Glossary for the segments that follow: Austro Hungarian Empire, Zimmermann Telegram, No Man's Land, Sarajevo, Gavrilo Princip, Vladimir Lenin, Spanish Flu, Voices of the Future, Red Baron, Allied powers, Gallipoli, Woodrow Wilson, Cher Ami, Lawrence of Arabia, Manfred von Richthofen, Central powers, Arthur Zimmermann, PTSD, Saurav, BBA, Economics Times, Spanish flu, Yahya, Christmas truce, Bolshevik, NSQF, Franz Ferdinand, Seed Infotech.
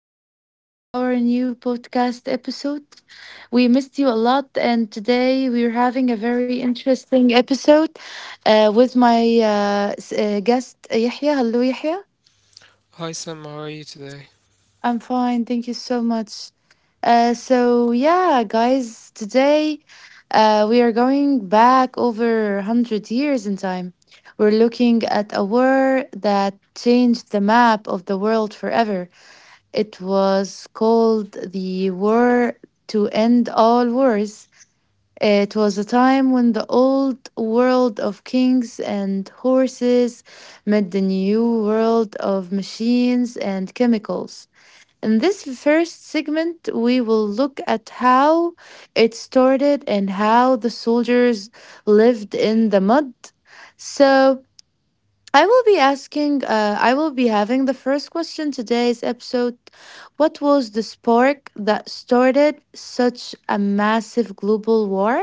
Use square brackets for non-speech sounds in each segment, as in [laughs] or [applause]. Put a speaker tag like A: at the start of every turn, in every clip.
A: Welcome back to our new podcast episode. We missed you a lot, and today we're having a very interesting episode with my guest, Yahya. Hello, Yahya. I'm
B: Hi
A: fine.
B: Sam, how
A: Thank
B: are
A: you
B: you
A: so
B: today?
A: much. Yeah, guys, today we are going back over 100 years in time. We're looking at a war that changed the map of the world forever. It was called the War to End All Wars. It was a time when the old world of kings and horses met the new world of machines and chemicals. In this first segment, we will look at how it started and how the soldiers lived in the mud. So, I will be asking, I will be having the first question today's episode. What was the spark that started such a massive global war?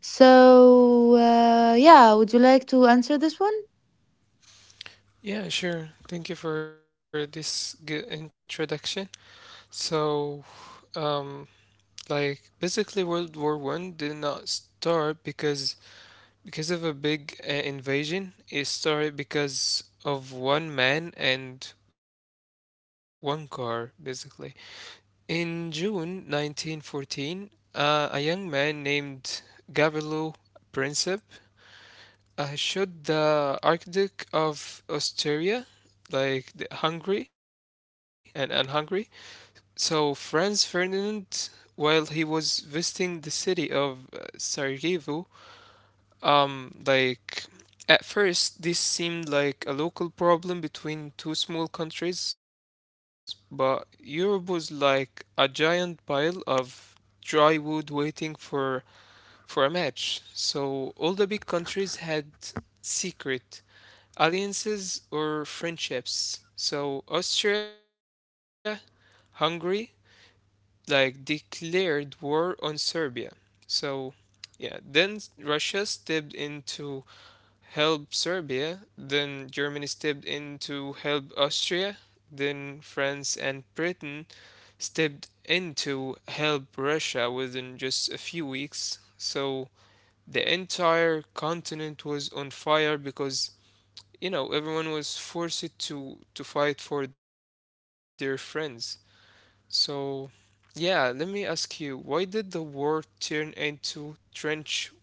A: So, yeah, would you like to answer this one?
B: Yeah, sure. Thank you for this good introduction. So, um, like basically, World War One did not start because of a big invasion. It started because of one man and one car, basically. In June 1914, a young man named Gavrilo Princip should the Archduke of Austria, like the Hungary and Hungary, so Franz Ferdinand, while he was visiting the city of Sarajevo, like at first this seemed like a local problem between two small countries, but Europe was like a giant pile of dry wood waiting for a match. So all the big countries had secret alliances or friendships. So Austria, Hungary, like declared war on Serbia. So yeah, then Russia stepped in to help Serbia, then Germany stepped in to help Austria, then France and Britain stepped in to help Russia within just a few weeks. So the entire continent was on fire because you know everyone was forced to fight for their friends. So yeah, let me ask you, why did the war turn into trench warfare?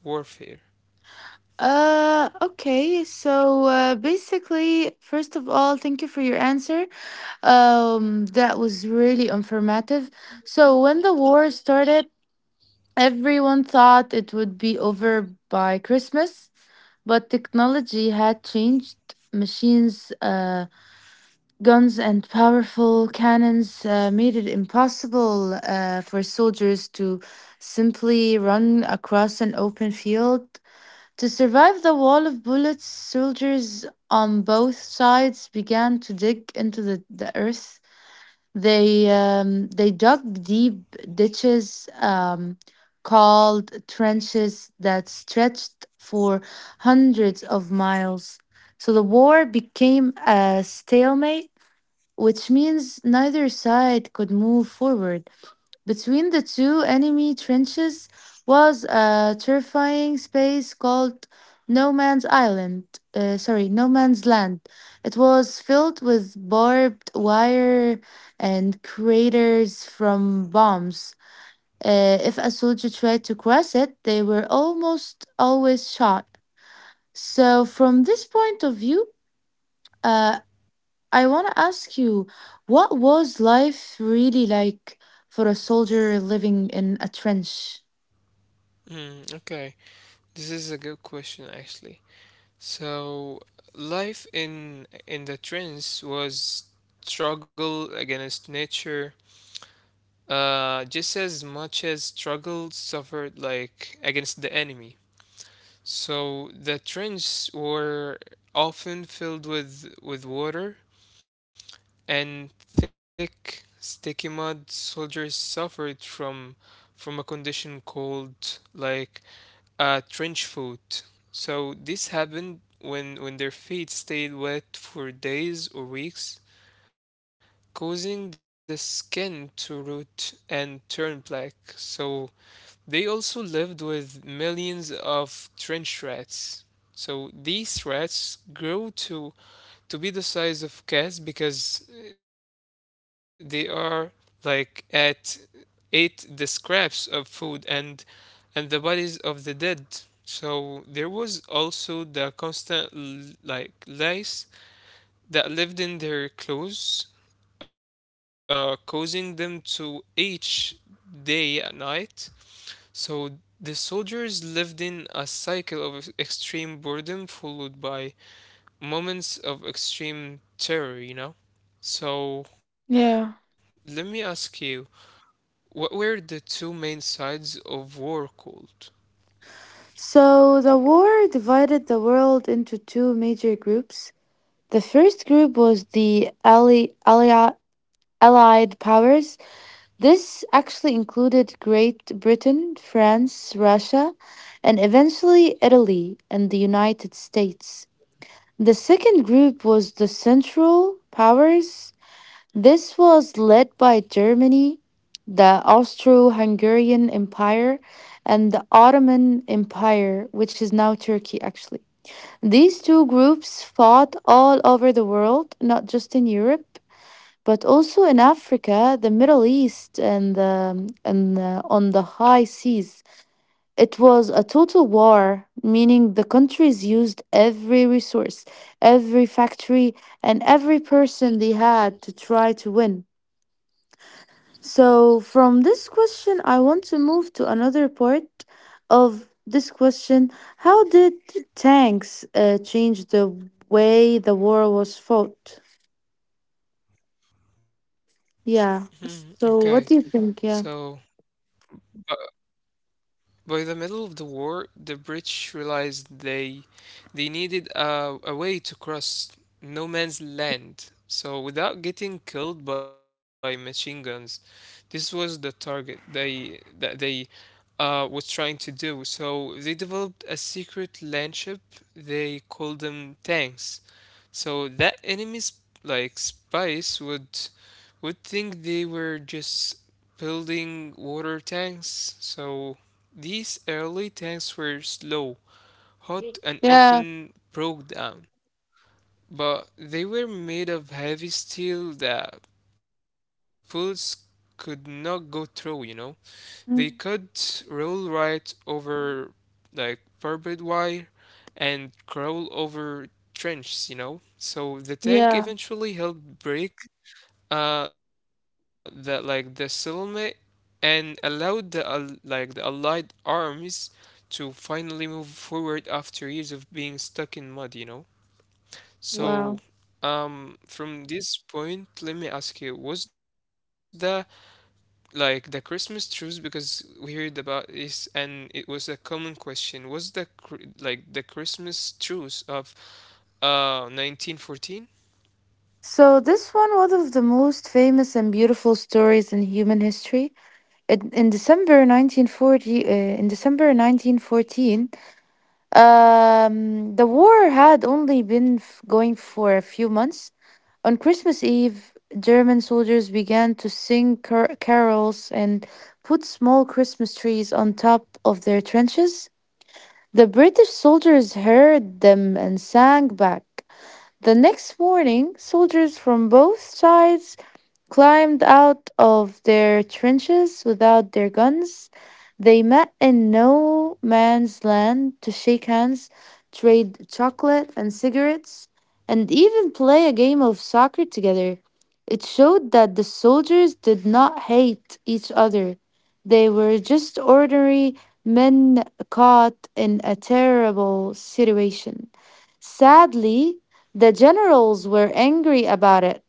A: Okay, so basically, first of all, thank you for your answer. That was really informative. So, when the war started, everyone thought it would be over by Christmas. But technology had changed. Machines, guns, and powerful cannons made it impossible for soldiers to simply run across an open field. To survive the wall of bullets, soldiers on both sides began to dig into the earth. They dug deep ditches called trenches that stretched for hundreds of miles. So the war became a stalemate, which means neither side could move forward. Between the two enemy trenches was a terrifying space called No Man's Island. Sorry, No Man's Land. It was filled with barbed wire and craters from bombs. If a soldier tried to cross it, they were almost always shot. So, from this point of view, uh, I want to ask you, what was life really like for a soldier living in a trench?
B: Hmm, okay, this is a good question actually. So life in the trenches was struggle against nature, just as much as struggle suffered like against the enemy. So the trenches were often filled with water and thick, sticky mud. Soldiers suffered from a condition called like a trench foot. So this happened when their feet stayed wet for days or weeks, causing the skin to rot and turn black. So they also lived with millions of trench rats. So these rats grow to be the size of cats because they are like at ate the scraps of food and the bodies of the dead. So there was also the constant lice that lived in their clothes, causing them to itch day and night. So the soldiers lived in a cycle of extreme boredom followed by moments of extreme terror, you know? So let me ask
A: Yeah.
B: you, what were the two main sides of war called?
A: So, the war divided the world into two major groups. The first group was the Allied powers. This actually included Great Britain, France, Russia, and eventually Italy and the United States. The second group was the Central powers. This was led by Germany, the Austro Hungarian Empire, and the Ottoman Empire, which is now Turkey, actually. These two groups fought all over the world, not just in Europe, but also in Africa, the Middle East, and on the high seas. It was a total war, meaning the countries used every resource, every factory, and every person they had to try to win. So, from this question, I want to move to another part of this question. How did tanks change the way the war was fought?
B: Hmm, okay,
A: Yeah.
B: so
A: So, what do you think?
B: uh,
A: Yeah.
B: By the middle of the war, the British realized they needed a way to cross no man's land, so without getting killed by machine guns. This was the target they was trying to do. So they developed a secret landship. They called them tanks, so that enemies like spies would think they were just building water tanks. So these early tanks were slow, hot, and often
A: Yeah.
B: broke down. But they were made of heavy steel that bullets could not go through, you know? They could roll
A: Mm.
B: right over like barbed wire and crawl over trenches, you know? So the tank eventually
A: Yeah.
B: helped break the settlement and allowed the the allied armies to finally move forward after years of being stuck in mud, you know. So,
A: Wow.
B: from this point, let me ask you, was the like the Christmas truce, because we heard about this and it was a common question, was the the christmas truce of 1914?
A: So, this one, one of the most famous and beautiful stories in human history. In December 1914, the war had only been going for a few months. On Christmas Eve, German soldiers began to sing carols and put small Christmas trees on top of their trenches. The British soldiers heard them and sang back. The next morning, soldiers from both sides climbed out of their trenches without their guns. They met in no man's land to shake hands, trade chocolate and cigarettes, and even play a game of soccer together. It showed that the soldiers did not hate each other. They were just ordinary men caught in a terrible situation. Sadly, the generals were angry about it,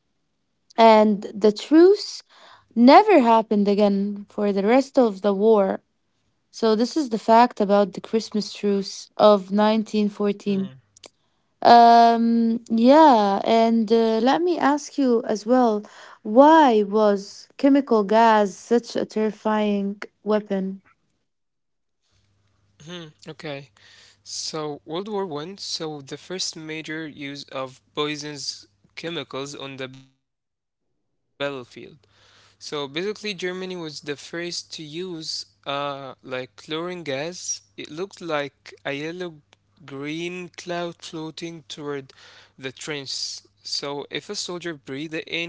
A: and the truce never happened again for the rest of the war. So this is the fact about the Christmas truce of
B: hmm
A: 1914. Yeah, and let me ask you as well, why was chemical gas such a terrifying weapon?
B: Hmm, okay. So, World War One saw the first major use of poisons chemicals on the battlefield. So basically, Germany was the first to use like chlorine gas. It looked like a yellow green cloud floating toward the trench. So if a soldier breathed the in,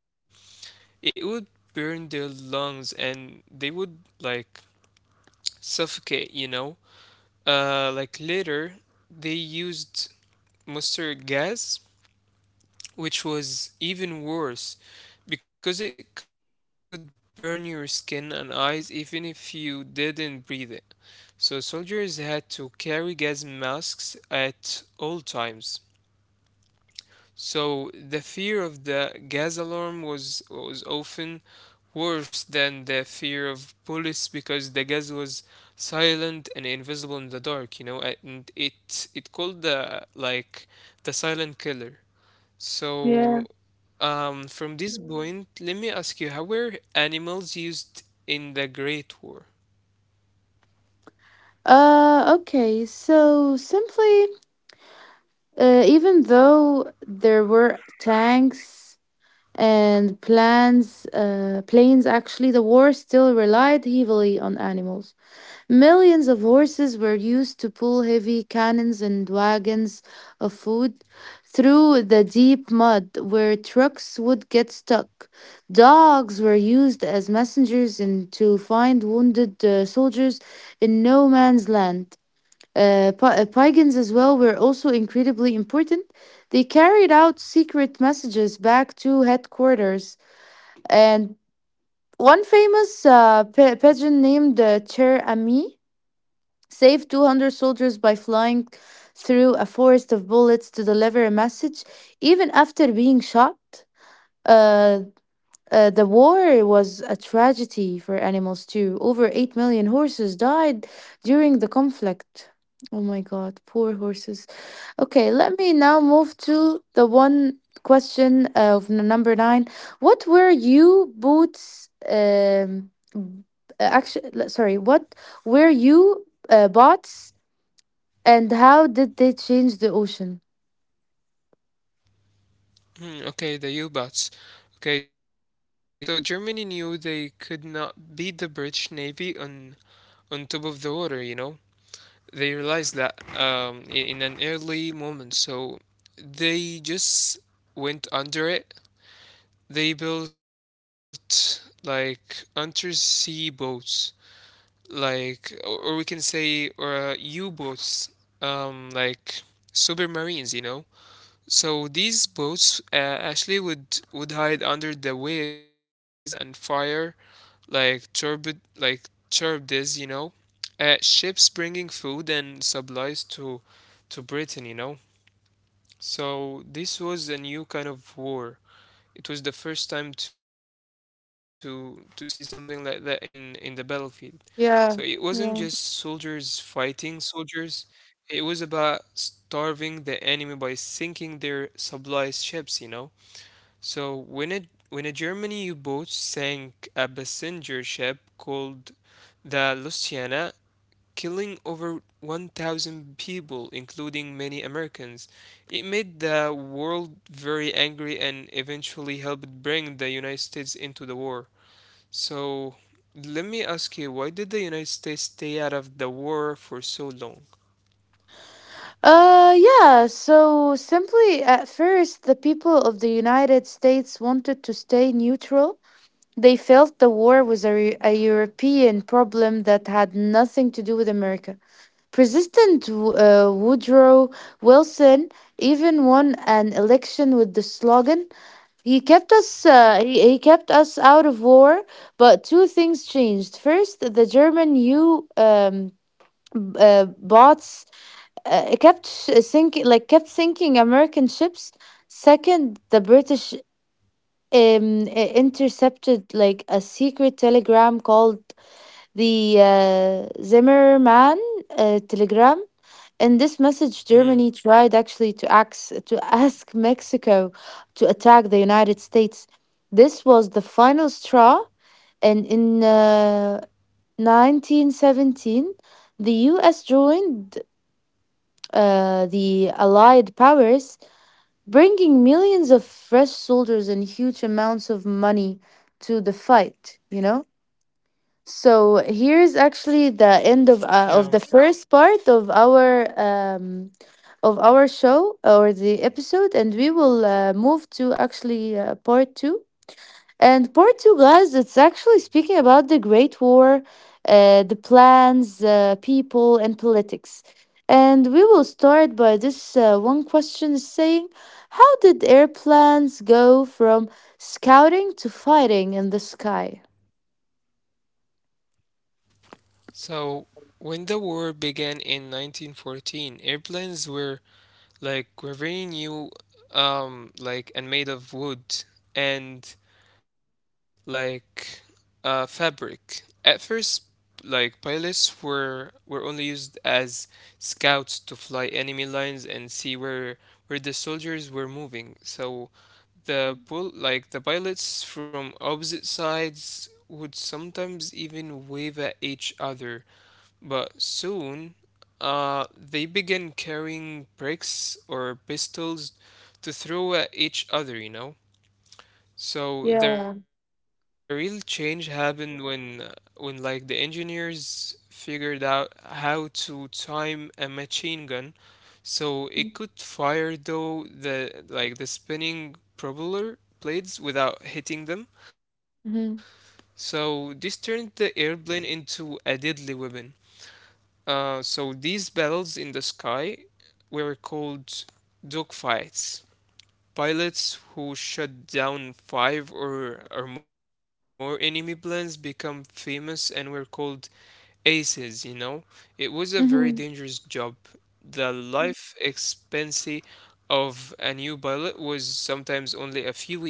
B: it would burn their lungs and they would like suffocate, you know. Like later, they used mustard gas, which was even worse because it could burn your skin and eyes even if you didn't breathe it. So soldiers had to carry gas masks at all times. So the fear of the gas alarm was often worse than the fear of bullets because the gas was silent and invisible in the dark, you know, and it called the like the silent killer. So,
A: Yeah.
B: from this point, let me ask you, how were animals used in the Great War?
A: Okay, so simply, even though there were tanks and planes actually, the war still relied heavily on animals. Millions of horses were used to pull heavy cannons and wagons of food through the deep mud where trucks would get stuck. Dogs were used as messengers and to find wounded soldiers in no man's land. Pagans as well were also incredibly important. They carried out secret messages back to headquarters. And one famous pagan named Cher Ami saved 200 soldiers by flying through a forest of bullets to deliver a message, even after being shot. Uh, the war was a tragedy for animals too. Over 8 million horses died during the conflict. Oh my god, poor horses. Okay, let me now move to the one question of number nine. What were you boots actually, sorry, what were you bots and how did they change the ocean?
B: Hmm, okay, the U-boats. Okay, so Germany knew they could not beat the British Navy on top of the water, you know? They realized that in an early moment, so they just went under it. They built like undersea boats like or we can say or U-boats, like submarines, you know. So these boats actually would hide under the waves and fire like turbid like turbines, you know, ships bringing food and supplies to Britain, you know. So this was a new kind of war. It was the first time to see something like that in the battlefield. So it wasn't just soldiers
A: Yeah.
B: fighting
A: Yeah.
B: soldiers. It was about starving the enemy by sinking their supply ships, you know. So when a German U-boat sank a passenger ship called the Luciana, killing over 1,000 people, including many Americans. It made the world very angry and eventually helped bring the United States into the war. So, let me ask you, why did the United States stay out of the war for so long?
A: Yeah. So simply, at first, the people of the United States wanted to stay neutral. They felt the war was a European problem that had nothing to do with America. President Woodrow Wilson even won an election with the slogan. He kept us out of war, but two things changed. First, the German bots kept sinking American ships. Second, the British intercepted like a secret telegram called the Zimmermann telegram. In this
B: Mm,
A: message, Germany tried actually to ask, to [laughs] ask Mexico to attack the United States. This was the final straw, and in 1917, the U.S. joined the Allied powers, bringing millions of fresh soldiers and huge amounts of money to the fight. You know. So here's
B: yeah.
A: actually the end of the first part of our show or the episode, and we will move to actually part two. And part two, guys, it's actually speaking about the Great War, the plans, people, and politics. And we will start by this one question saying, how did airplanes go from scouting to fighting in the sky?
B: So when the war began in 1914, airplanes were like were very new, like and made of wood, and like fabric. At first, like pilots were only used as scouts to fly enemy lines and see where the soldiers were moving. So the pol like the pilots from opposite sides would sometimes even wave at each other. But soon, they began carrying bricks or pistols to throw at each other, you know. So the real change happened when the engineers figured out how to time a machine gun so it could fire though the the spinning propeller blades without hitting them. So this turned
A: Yeah.
B: the airplane into a deadly weapon. So these battles in the sky were called dogfights. Pilots who shut down five or more enemy planes become famous and were called aces, you know? It was a very dangerous job. The
A: Hmm.
B: life expectancy of a new pilot was sometimes only a few weeks, you know?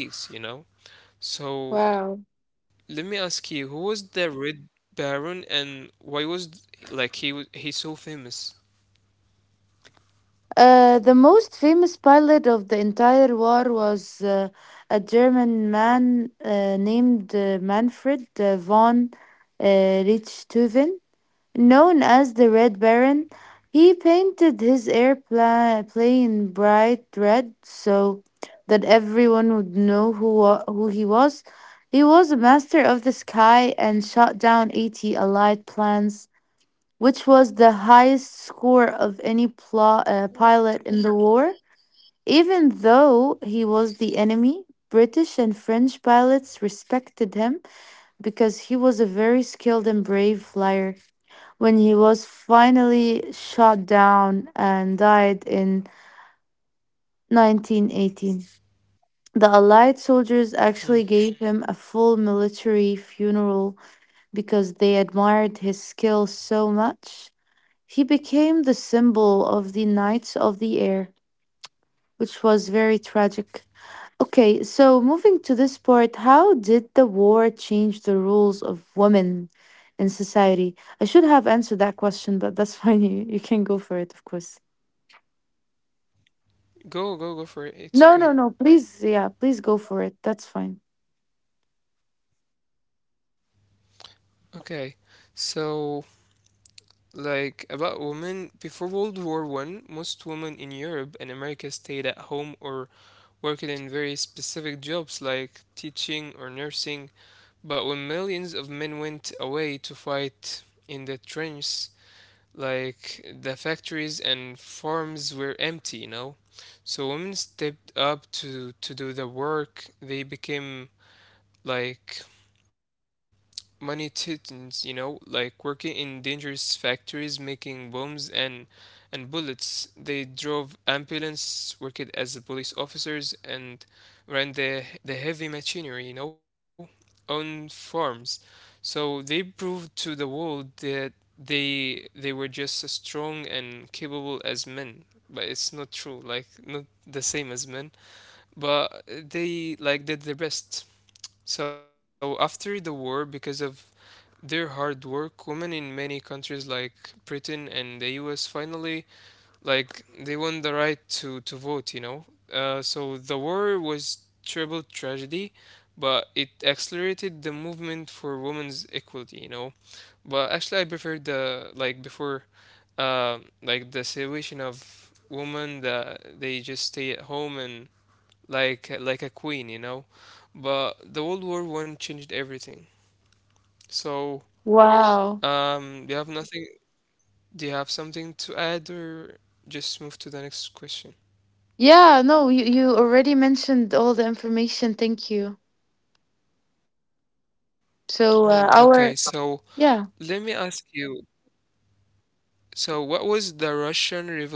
B: So let me ask you, who was
A: Wow.
B: the Red Baron and why was he's so famous?
A: The most famous pilot of the entire war was a German man named Manfred von uh, Richthofen, known as the Red Baron. He painted his airplane bright red so that everyone would know who he was. He was a master of the sky and shot down 80 Allied planes, which was the highest score of any pilot in the war. Even though he was the enemy, British and French pilots respected him because he was a very skilled and brave flyer. When he was finally shot down and died in 1918, the Allied
B: Hmm.
A: soldiers actually gave him a full military funeral because they admired his skill so much. He became the symbol of the Knights of the Air, which was very tragic. Okay, so moving to this part, how did the war change the rules of women in society? I should have answered that question, but that's [laughs] fine. You can go for it, of course.
B: Go, go, go for it. It's okay.
A: No, no, no. Please, yeah, please go for it. That's fine.
B: Okay. So like about women, before World War One, most women in Europe and America stayed at home or worked in very specific jobs like teaching or nursing. But when millions of men went away to fight in the trenches, like the factories and farms were empty, you know? So women stepped up to do the work. They became like money titans, you know, like working in dangerous factories making bombs and bullets. They drove ambulance, worked as police officers, and ran the heavy machinery, you know, on farms. So they proved to the world that they were just as strong and capable as men. But it's not true, like not the same as men. But they like did their best. So after the war, because of their hard work, women in many countries like Britain and the US finally like they won the right to vote, you know. So the war was terrible tragedy, but it accelerated the movement for women's equality, you know. But actually, I prefer the like before like the situation of women that they just stay at home and like a queen, you know. But the World War One changed everything. So do you have
A: Wow.
B: nothing? Do you have something to add, or just move to the next question?
A: Yeah, no, you already mentioned all the information. Thank you.
B: Hmm, okay, so
A: So,
B: let me
A: uh,
B: ask
A: our,
B: you.
A: yeah.
B: So, what was the Russian Revolution, and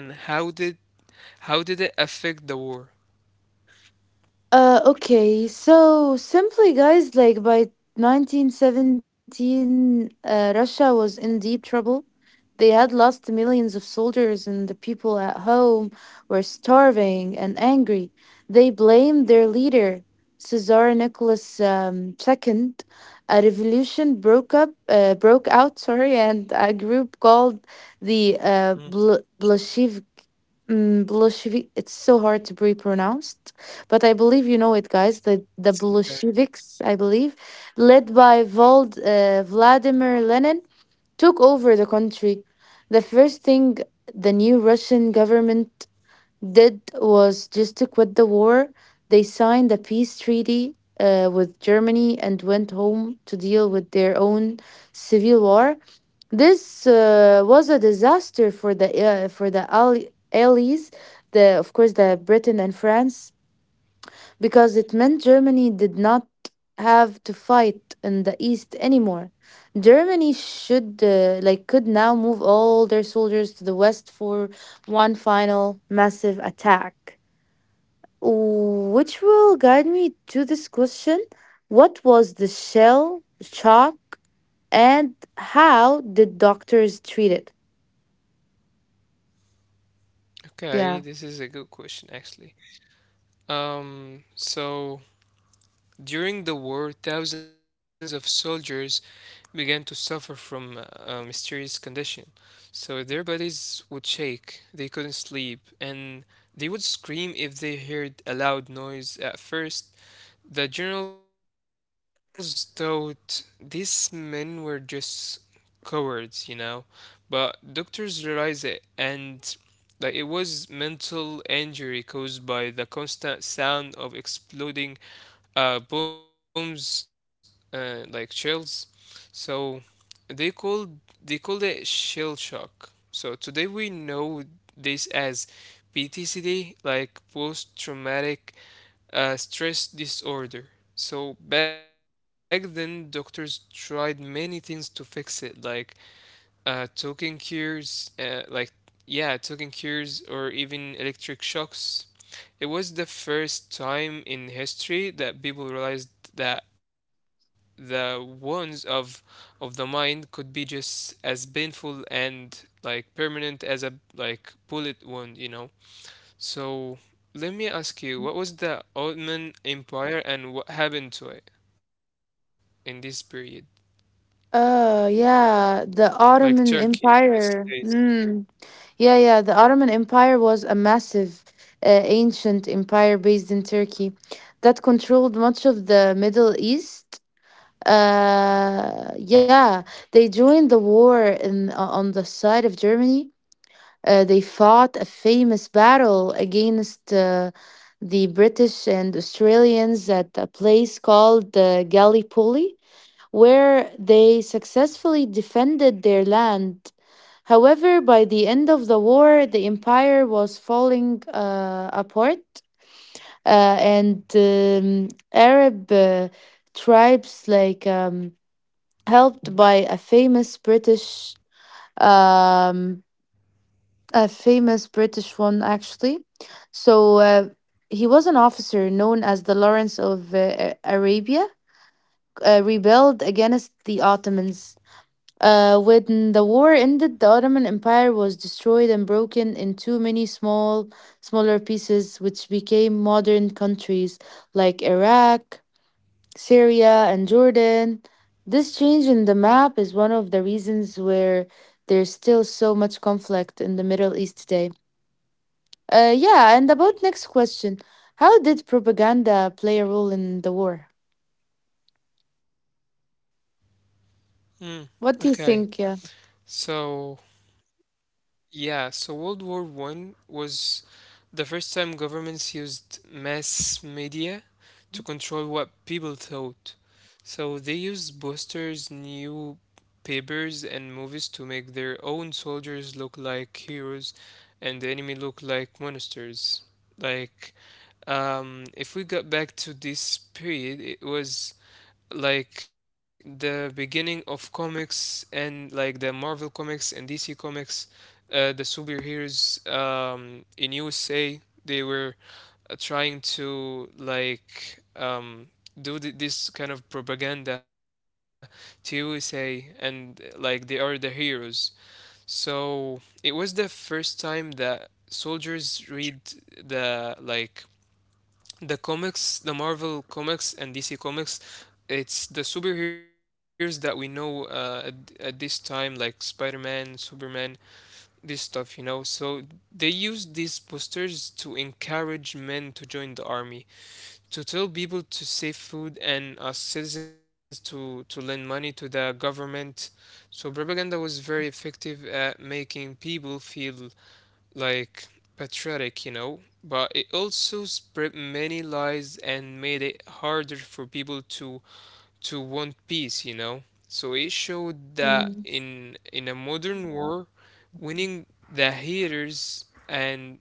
B: how did it affect the war?
A: Okay, so simply, guys, like by 1917, Russia was in deep trouble. They had lost millions of soldiers, and the people at home were starving and angry. They blamed their leader, Caesar Nicholas II. A revolution broke out, sorry, and a group
B: Mm,
A: called the Bolshevik. Bolshevik. It's so hard to be pronounced, but I believe you
B: it's
A: know it,
B: okay.
A: guys. The Bolsheviks, I believe, led by Vladimir Lenin, took over the country. The first thing the new Russian government did was just to quit the war. They signed a peace treaty with Germany and went home to deal with their own civil war. This was a disaster for the allies, the of course the Britain and France, because it meant Germany did not have to fight in the east anymore. Germany should like could now move all their soldiers to the west for one final massive attack. Which will guide me to this question. What was the shell shock and how did doctors treat it?
B: Okay, this is a good question
A: Yeah.
B: actually. So during the war, thousands of soldiers began to suffer from a mysterious condition. So their bodies would shake, they couldn't sleep, and they would scream if they heard a loud noise at first. The generals thought these men were just cowards, you know, but doctors realized it and like it was mental injury caused by the constant sound of exploding booms, like shells. So they called they called it shell shock. So today we know this as PTSD, like post traumatic stress disorder. So back then, doctors tried many things to fix it, like talking cures, yeah, talking cures, or even electric shocks. It was the first time in history that people realized that the wounds of the mind could be just as painful and like permanent as a like bullet wound, you know. So let me ask you, what was the Ottoman Empire and what happened to it in this period? Like Turkey in this
A: Yeah, the
B: case.
A: Ottoman Empire. Mm. Yeah, yeah. The Ottoman Empire was a massive, ancient empire based in Turkey that controlled much of the Middle East. Yeah, they joined the war on the side of Germany. They fought a famous battle against the British and Australians at a place called Gallipoli, where they successfully defended their land. However, by the end of the war, the empire was falling apart, and Arab tribes, helped by a famous um, a famous British one actually. So uh, he was an officer known as the Lawrence of Arabia, rebelled against the Ottomans. When the war ended, the Ottoman Empire was destroyed and broken into smaller pieces, which became modern countries like Iraq, Syria, and Jordan. This change in the map is one of the reasons where there's still so much conflict in the Middle East today. Yeah, and about next question, how did propaganda play a role in the war?
B: Hmm. Okay.
A: What
B: So
A: do you think? Yeah.
B: yeah, so World War One was the first time governments used mass media to control what people thought. So they used posters, new papers, and movies to make their own soldiers look like heroes and the enemy look like monsters. Like, if we got back to this period, it was like the beginning of comics and like the Marvel comics and DC comics, the superheroes in USA, they were trying to like this kind of propaganda to USA and like they are the heroes. So it was the first time that soldiers read the the comics, the Marvel comics and DC comics, it's the superheroes that we know at this time, like Spider-Man, Superman, this stuff, you know. So they used these posters to encourage men to join the army, to tell people to save food and us citizens to lend money to the government. So propaganda was very effective at making people feel like patriotic, you know, but it also spread many lies and made it harder for people to want peace, you know. So it showed that in a
A: Mm.
B: modern war, winning the haters and minds,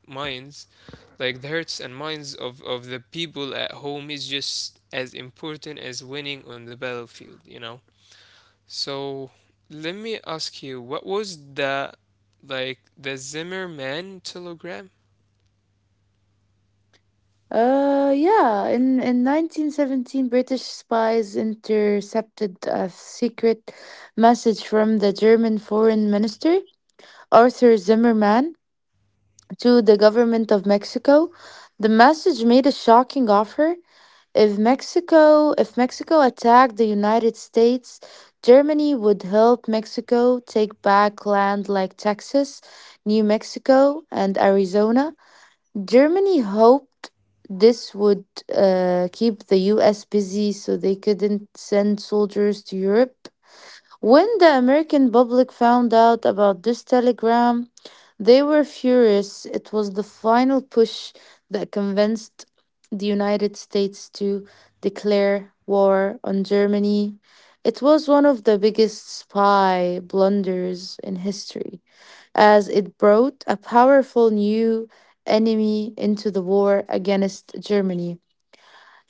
B: like the hearts and minds of the people at home is just as important as winning on the battlefield, you know. So let me ask you, what was the Zimmerman telegram?
A: Yeah, in 1917, British spies intercepted a secret message from the German Foreign Minister, Arthur Zimmermann, to the government of Mexico. The message made a shocking offer. If Mexico attacked the United States, Germany would help Mexico take back land like Texas, New Mexico, and Arizona. Germany hoped this would keep the US busy so they couldn't send soldiers to Europe. When the American public found out about this telegram, they were furious. It was the final push that convinced the United States to declare war on Germany. It was one of the biggest spy blunders in history as it brought a powerful new enemy into the war against Germany,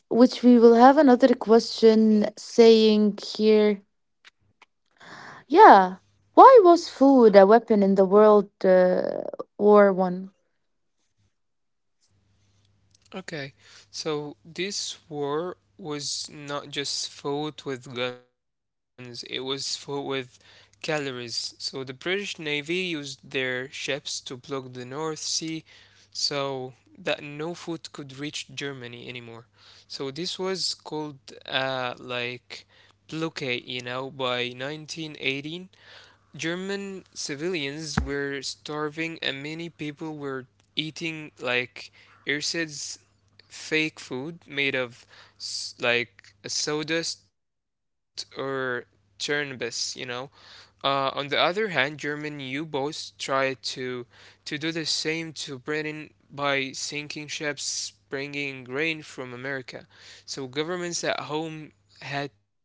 A: which we will have another question saying here. Yeah, why was food a weapon in the World War One?
B: Okay, so this war was not just fought with guns, it was fought with calories. So the British Navy used their ships to block the North Sea so that no food could reach Germany anymore. So this was called like blockade, you know, by 1918. German civilians were starving and many people were eating like Irsid's fake food made of like sawdust or chernbis, you know. On the other hand, German U-boats tried to do the same to Britain by sinking ships bringing grain from America. So governments at home had to start like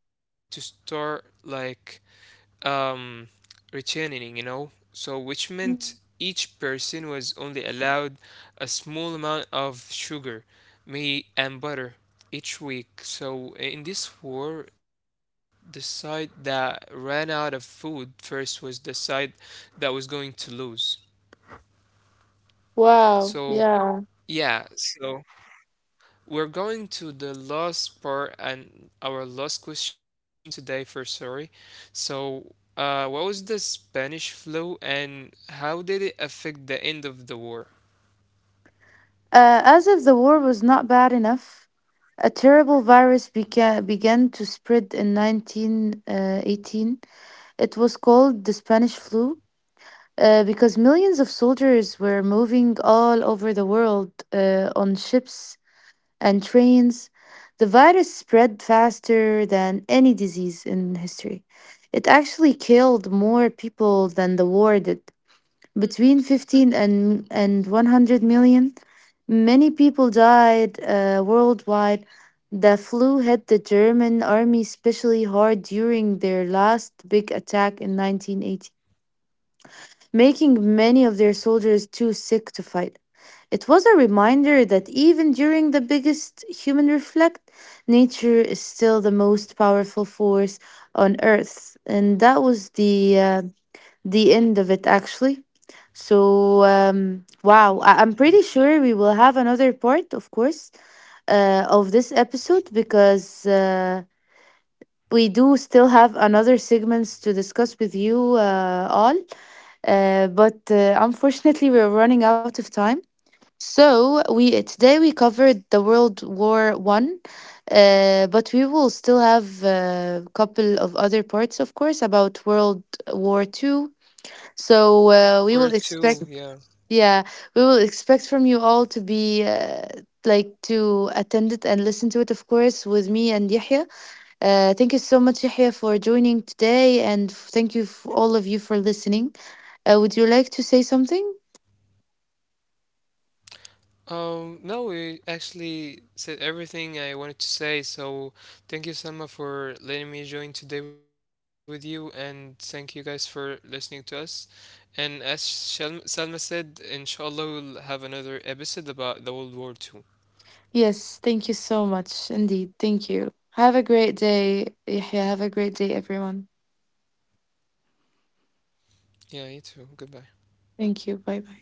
B: um, returning, you know, so which meant each person was only allowed a small amount of sugar, meat, and butter each week. So in this war, the side that ran out of food first was the side that was going to lose. So yeah,
A: Wow,
B: so
A: yeah.
B: we're going to the last part and our last question today for sorry. So, what was the Spanish flu and how did it affect the end of the war?
A: As if the war was not bad enough, a terrible virus began to spread in 1918. It was called the Spanish flu, because millions of soldiers were moving all over the world on ships and trains, the virus spread faster than any disease in history. It actually killed more people than the war did. Between 15 and 100 million, many people died worldwide. The flu hit the German army especially hard during their last big attack in 1918, making many of their soldiers too sick to fight. It was a reminder that even during the biggest human reflect, nature is still the most powerful force on earth. And that was the end of it actually. So wow, I'm pretty sure we will have another part, of course, of this episode because we do still have another segments to discuss with you all. But unfortunately, we're running out of time. So we today we covered the World War One, but we will still have a couple of other parts, of course, about World War Two.
B: Or two, yeah.
A: So we will expect, yeah, we will expect from you all to be. Like to attend it and listen to it, of course, with me and Yahya. Thank you so much, Yahya, for joining today, and thank you for all of you for listening. Would you like to say something?
B: No, we actually said everything I wanted to say. So thank you, Sama, for letting me join today with you, and thank you guys for listening to us. And as Salma said, inshallah, we'll have another episode about the World War Two.
A: Yes, thank you so much. Indeed. Thank you. Have a great day. Yahya. Have a great day, everyone.
B: Yeah, you too. Goodbye.
A: Thank you. Bye bye.